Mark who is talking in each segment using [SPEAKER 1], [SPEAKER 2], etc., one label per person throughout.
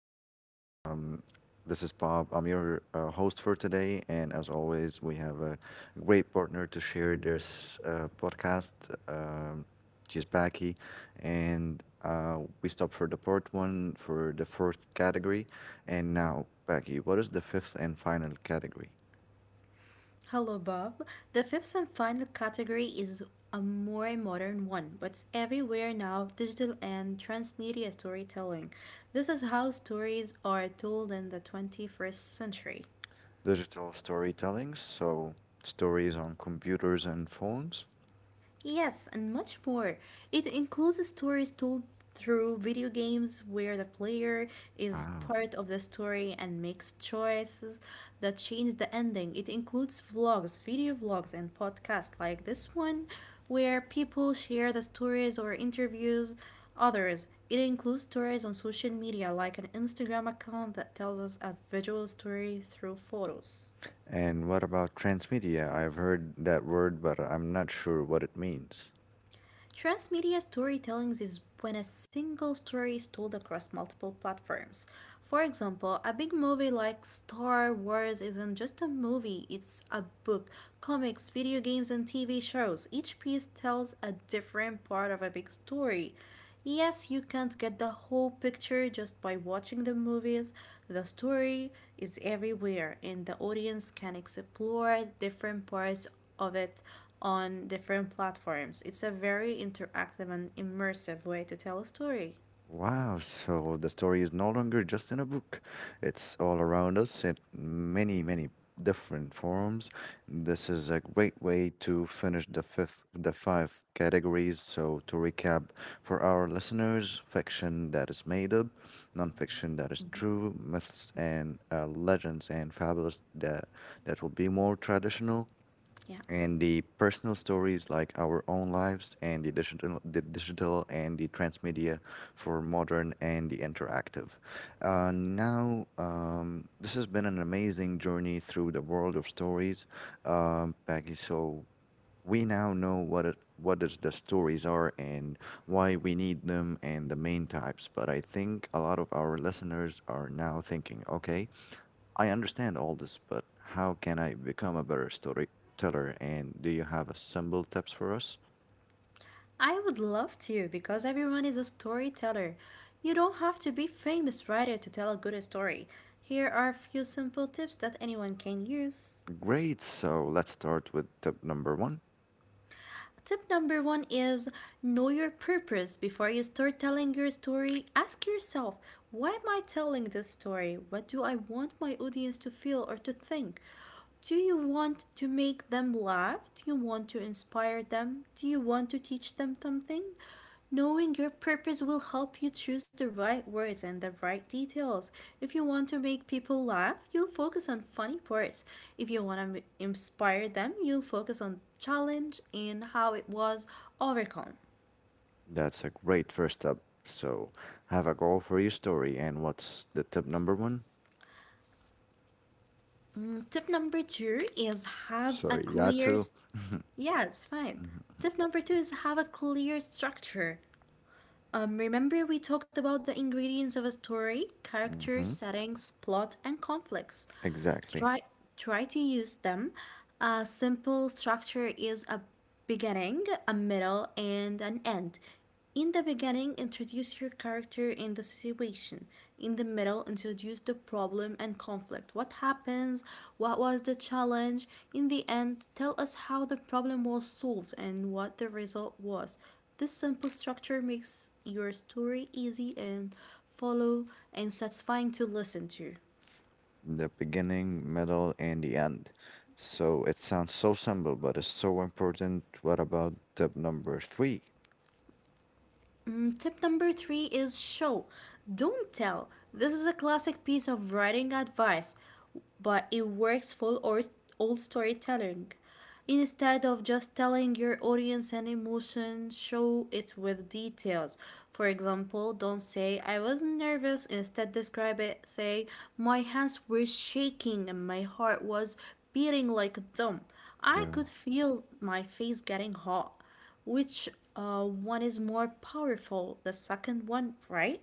[SPEAKER 1] Us. This is Bob. I'm your host for today, and as always, we have a great partner to share this podcast. Um, she's Becky, and we stopped for the part one for the fourth category, and now Becky, what is the fifth and final category?
[SPEAKER 2] Hello, Bob. The fifth and final category is a more modern one, but it's everywhere now, digital and transmedia storytelling. This is how stories are told in the 21st century.
[SPEAKER 1] Digital storytelling. So stories on computers and phones.
[SPEAKER 2] Yes, and much more. It includes stories told through video games where the player is
[SPEAKER 1] Wow.
[SPEAKER 2] part of the story and makes choices that change the ending. It includes vlogs, video vlogs, and podcasts like this one where people share the stories or interviews others. It includes stories on social media, like an Instagram account that tells us a visual story through photos.
[SPEAKER 1] And what about transmedia? I've heard that word, but I'm not sure what it means.
[SPEAKER 2] Transmedia storytelling is when a single story is told across multiple platforms. For example, a big movie like Star Wars isn't just a movie, it's a book, comics, video games, and TV shows. Each piece tells a different part of a big story. Yes, you can't get the whole picture just by watching the movies. The story is everywhere, and the audience can explore different parts of it on different platforms. It's a very interactive and immersive way to tell a story.
[SPEAKER 1] Wow, so the story is no longer just in a book. It's all around us in many, many different forms. This is a great way to finish the fifth, the five categories. So to recap for our listeners, fiction that is made up, nonfiction that is true, myths and legends and fabulous that will be more traditional,
[SPEAKER 2] Yeah.
[SPEAKER 1] and the personal stories like our own lives and the digital and the transmedia for modern and the interactive. Now, this has been an amazing journey through the world of stories, Peggy. So we now know what is the stories are and why we need them and the main types. But I think a lot of our listeners are now thinking, okay. I understand all this, but how can I become a better storyteller? And do you have a simple tips for us?
[SPEAKER 2] I would love to, because everyone is a storyteller. You don't have to be famous writer to tell a good story. Here are a few simple tips that anyone can use.
[SPEAKER 1] Great. So let's start with tip number one.
[SPEAKER 2] Tip number one is know your purpose. Before you start telling your story, ask yourself, why am I telling this story? What do I want my audience to feel or to think? Do you want to make them laugh? Do you want to inspire them? Do you want to teach them something? Knowing your purpose will help you choose the right words and the right details. If you want to make people laugh, you'll focus on funny parts. If you want to inspire them, you'll focus on challenge and how it was overcome.
[SPEAKER 1] That's a great first step. So have a goal for your story. And what's the tip number one?
[SPEAKER 2] Tip number 2 is have a
[SPEAKER 1] Sorry,
[SPEAKER 2] clear.
[SPEAKER 1] Yatu.
[SPEAKER 2] Yeah, it's fine. Tip number 2 is have a clear structure. Remember, we talked about the ingredients of a story: characters,
[SPEAKER 1] Mm-hmm.
[SPEAKER 2] settings, plot, and conflicts.
[SPEAKER 1] Exactly.
[SPEAKER 2] Try, try to use them. A simple structure is a beginning, a middle, and an end. In the beginning, introduce your character and the situation. In the middle, introduce the problem and conflict. What happens? What was the challenge? In the end, tell us how the problem was solved and what the result was. This simple structure makes your story easy and follow and satisfying to listen to.
[SPEAKER 1] The beginning, middle, and the end. So it sounds so simple, but it's so important. What about tip number three?
[SPEAKER 2] Tip number three is show, don't tell. This is a classic piece of writing advice, but it works for all storytelling. Instead of just telling your audience an emotion, show it with details. For example, don't say, I was nervous. Instead, describe it. Say, my hands were shaking and my heart was beating like a drum. I
[SPEAKER 1] Yeah.
[SPEAKER 2] could feel my face getting hot, which, one is more powerful, the second one, right?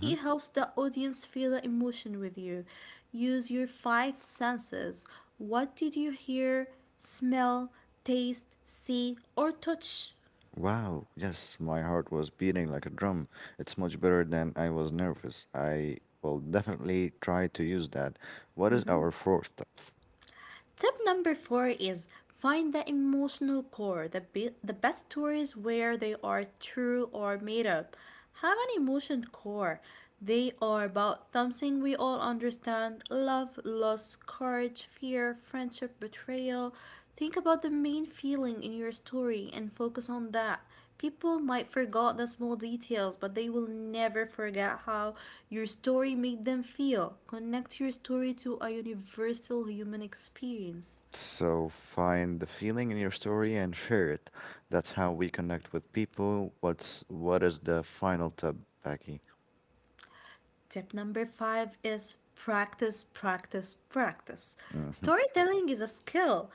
[SPEAKER 2] It helps the audience feel the emotion with you. Use your five senses. What did you hear, smell, taste, see, or touch?
[SPEAKER 1] Wow, yes, my heart was beating like a drum. It's much better than I was nervous. I will definitely try to use that. What is our fourth step?
[SPEAKER 2] Tip number four is find the emotional core. The best stories, where they are true or made up, have an emotion core. They are about something we all understand: love, loss, courage, fear, friendship, betrayal. Think about the main feeling in your story and focus on that. People might forget the small details, but they will never forget how your story made them feel. Connect your story to a universal human experience.
[SPEAKER 1] So find the feeling in your story and share it. That's how we connect with people. What is the final tip, Becky?
[SPEAKER 2] Tip number five is practice, practice, practice.
[SPEAKER 1] Mm-hmm.
[SPEAKER 2] Storytelling is a skill,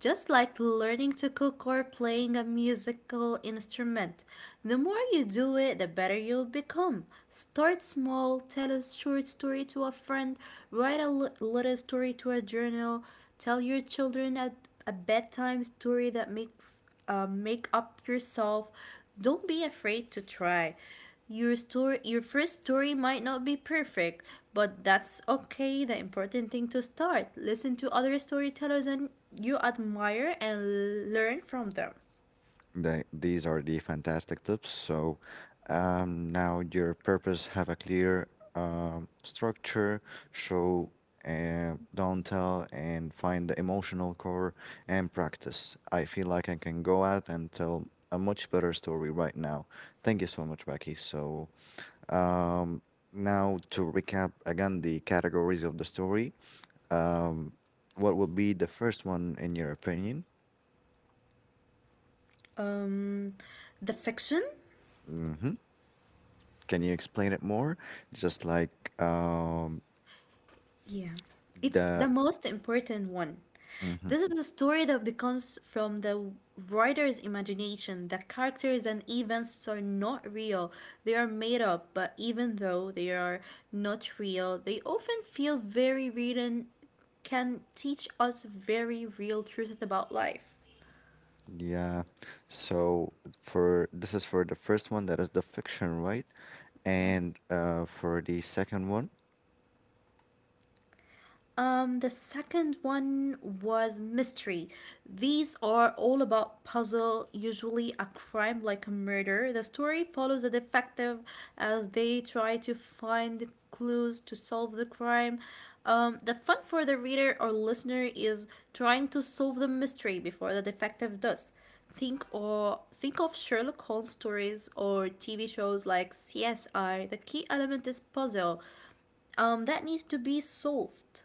[SPEAKER 2] just like learning to cook or playing a musical instrument. The more you do it, the better you'll become. Start small. Tell a short story to a friend, write a little story to a journal, tell your children a bedtime story that make up yourself. Don't be afraid to try. Your first story might not be perfect, but that's okay. The important thing to start. Listen to other storytellers and you admire and learn from them.
[SPEAKER 1] These are the fantastic tips. So now your purpose have a clear structure, show don't tell, and find the emotional core and practice. I feel like I can go out and tell a much better story right now. Thank you so much, Becky. So um, now to recap again the categories of the story. Um, what would be the first one in your opinion?
[SPEAKER 2] Um, the fiction.
[SPEAKER 1] Hmm. Can you explain it more? Just like um
[SPEAKER 2] Yeah, it's
[SPEAKER 1] the
[SPEAKER 2] the most important one.
[SPEAKER 1] hmm.
[SPEAKER 2] This is a story that becomes from the writer's imagination. The characters and events are not real, they are made up, but even though they are not real, they often feel very real and can teach us very real truths about life.
[SPEAKER 1] Yeah. So for this is for the first one that is the fiction, right?
[SPEAKER 2] Yeah.
[SPEAKER 1] And for the second one
[SPEAKER 2] The second one was mystery. These are all about puzzle, usually a crime like a murder. The story follows a detective as they try to find clues to solve the crime. The fun for the reader or listener is trying to solve the mystery before the detective does. Think of Sherlock Holmes stories or TV shows like CSI. The key element is puzzle, that needs to be solved.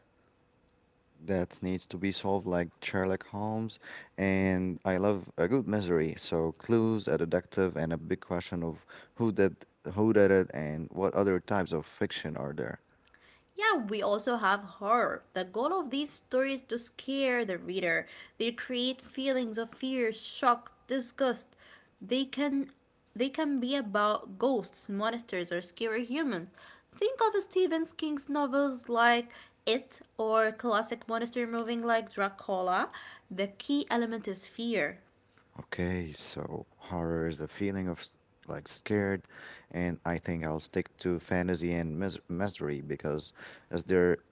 [SPEAKER 1] that needs to be solved like Sherlock Holmes, and I love a good mystery. So clues, a deductive and a big question of who did who did it, and what other types of fiction are there?
[SPEAKER 2] Yeah, we also have horror. The goal of these stories to scare the reader. They create feelings of fear, shock, disgust. They can they can be about ghosts, monsters, or scary humans. Think of Stephen King's novels like It, or classic monster movie like Dracula. The key element is fear.
[SPEAKER 1] Okay, so horror is a feeling of like scared, and I think I'll stick to fantasy and mis mystery because is there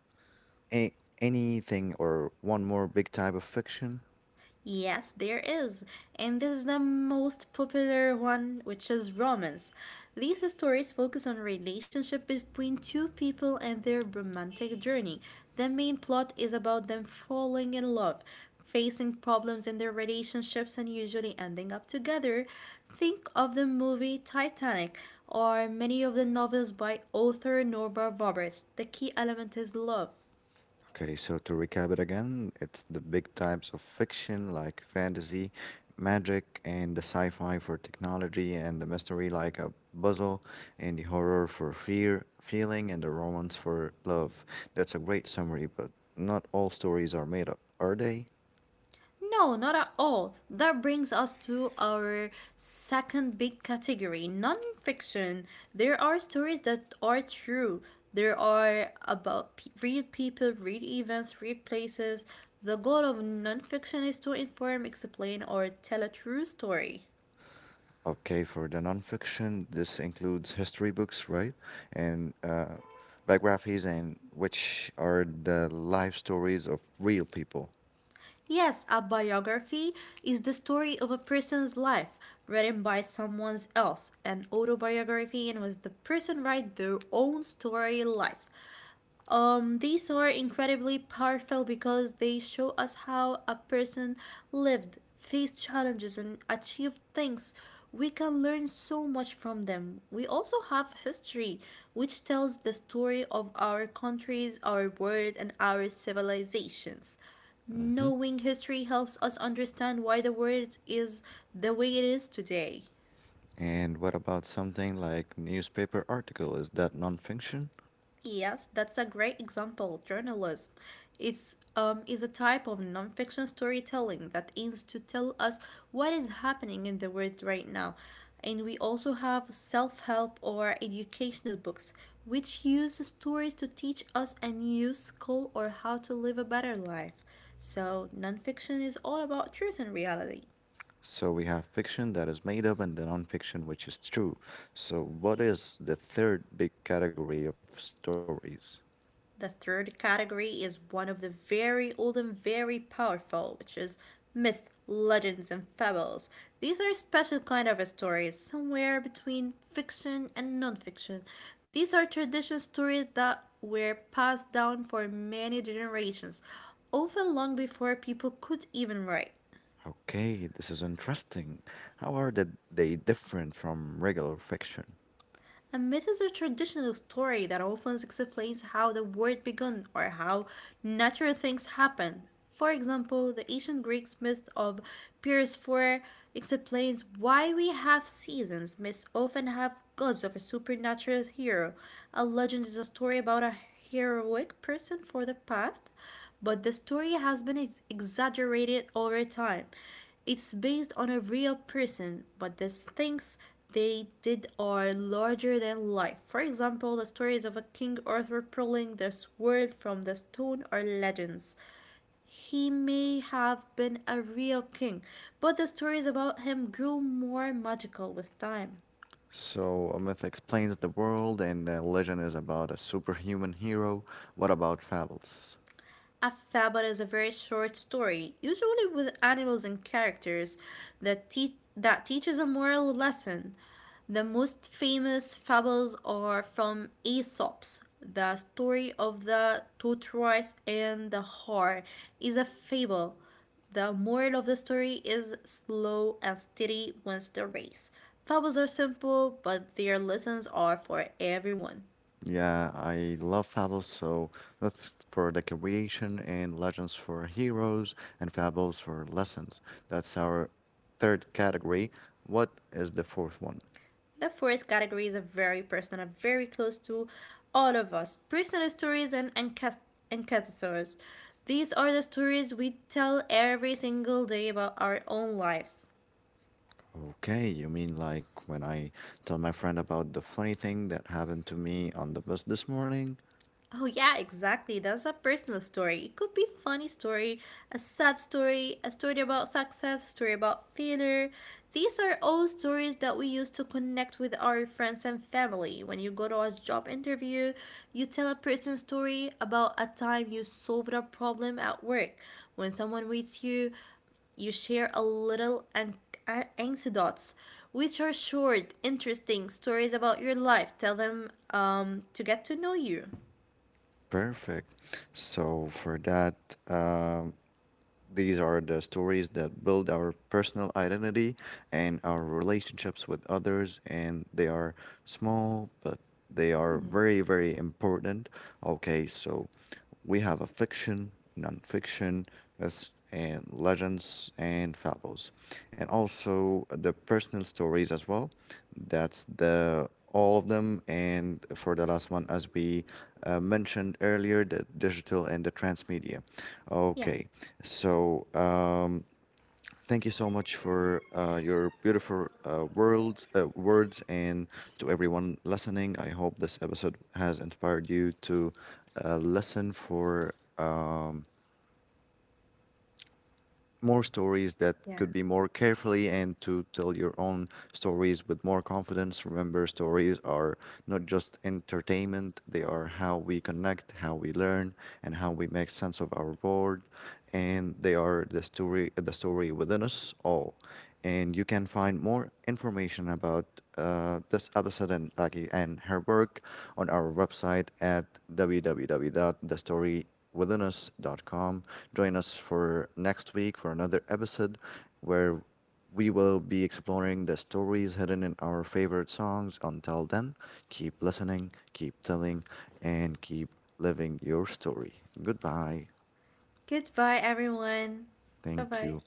[SPEAKER 1] a anything or one more big type of fiction?
[SPEAKER 2] Yes, there is. And this is the most popular one, which is romance. These stories focus on relationship between two people and their romantic journey. The main plot is about them falling in love, facing problems in their relationships, and usually ending up together. Think of the movie Titanic or many of the novels by author Nora Roberts. The key element is love.
[SPEAKER 1] Okay, so to recap it again, it's the big types of fiction like fantasy, magic, and the sci-fi for technology, and the mystery like a puzzle, and the horror for fear, feeling, and the romance for love. That's a great summary, but not all stories are made up, are they?
[SPEAKER 2] No, not at all. That brings us to our second big category, nonfiction. There are stories that are true, there are about real people, real events, real places. The goal of nonfiction is to inform, explain, or tell a true story.
[SPEAKER 1] Okay, for the nonfiction, this includes history books, right? And biographies, and which are the life stories of real people.
[SPEAKER 2] Yes, a biography is the story of a person's life written by someone else. An autobiography was the person write their own story life. These are incredibly powerful because they show us how a person lived, faced challenges, and achieved things. We can learn so much from them. We also have history, which tells the story of our countries, our world, and our civilizations.
[SPEAKER 1] Hmm.
[SPEAKER 2] Knowing history helps us understand why the world is the way it is today.
[SPEAKER 1] And what about something like newspaper article? Is that nonfiction?
[SPEAKER 2] Yes, that's a great example. Journalism, it's is a type of nonfiction storytelling that aims to tell us what is happening in the world right now. And we also have self help or educational books, which use stories to teach us a new skill or how to live a better life. So, nonfiction is all about truth and reality.
[SPEAKER 1] So we have fiction that is made up and the nonfiction which is true. So what is the third big category of stories?
[SPEAKER 2] The third category is one of the very old and very powerful, which is myth, legends, and fables. These are a special kind of stories, somewhere between fiction and non-fiction. These are traditional stories that were passed down for many generations, often long before people could even write.
[SPEAKER 1] Okay, this is interesting. How are the, they different from regular fiction?
[SPEAKER 2] A myth is a traditional story that often explains how the world began or how natural things happen. For example, the ancient Greek myth of Persephone explains why we have seasons. Myths often have gods of a supernatural hero. A legend is a story about a heroic person for the past, but the story has been exaggerated over time. It's based on a real person, but the things they did are larger than life. For example, the stories of a King Arthur pulling the sword from the stone are legends. He may have been a real king, but the stories about him grew more magical with time.
[SPEAKER 1] So, a myth explains the world, and a legend is about a superhuman hero. What about fables?
[SPEAKER 2] A fable is a very short story, usually with animals and characters, that teaches a moral lesson. The most famous fables are from Aesop's. The story of the tortoise and the hare is a fable. The moral of the story is slow and steady wins the race. Fables are simple, but their lessons are for everyone.
[SPEAKER 1] Yeah, I love fables, so that's for the creation, and legends for heroes, and fables for lessons. That's our third category. What is the fourth one?
[SPEAKER 2] The fourth category is a very personal, very close to all of us, personal stories and encassators. These are the stories we tell every single day about our own lives.
[SPEAKER 1] Okay, you mean like when I tell my friend about the funny thing that happened to me on the bus this morning?
[SPEAKER 2] Oh yeah, exactly. That's a personal story. It could be funny story, a sad story, a story about success, a story about failure. These are all stories that we use to connect with our friends and family. When you go to a job interview, you tell a person story about a time you solved a problem at work. When someone reads you, you share a little anecdotes, which are short, interesting stories about your life. Tell them, to get to know you.
[SPEAKER 1] Perfect. So, for that, um, these are the stories that build our personal identity and our relationships with others, and they are small but they are very, very important. Okay, so we have a fiction, nonfiction, fiction myths and legends and fables, and also the personal stories as well. That's the all of them, and for the last one, as we mentioned earlier, the digital and the transmedia.
[SPEAKER 2] Yeah.
[SPEAKER 1] Okay, so thank you so much for your beautiful world, words, and to everyone listening. I hope this episode has inspired you to listen for. More stories that
[SPEAKER 2] Yeah.
[SPEAKER 1] could be more carefully, and to tell your own stories with more confidence. Remember, stories are not just entertainment, they are how we connect, how we learn, and how we make sense of our world. And they are the story within us all. And you can find more information about this episode and Lucky and her work on our website at www.thestorywithinus.com. Join us for next week for another episode where we will be exploring the stories hidden in our favorite songs. Until then, keep listening, keep telling, and keep living your story. Goodbye.
[SPEAKER 2] Goodbye, everyone. Bye
[SPEAKER 1] Thank
[SPEAKER 2] bye.
[SPEAKER 1] you.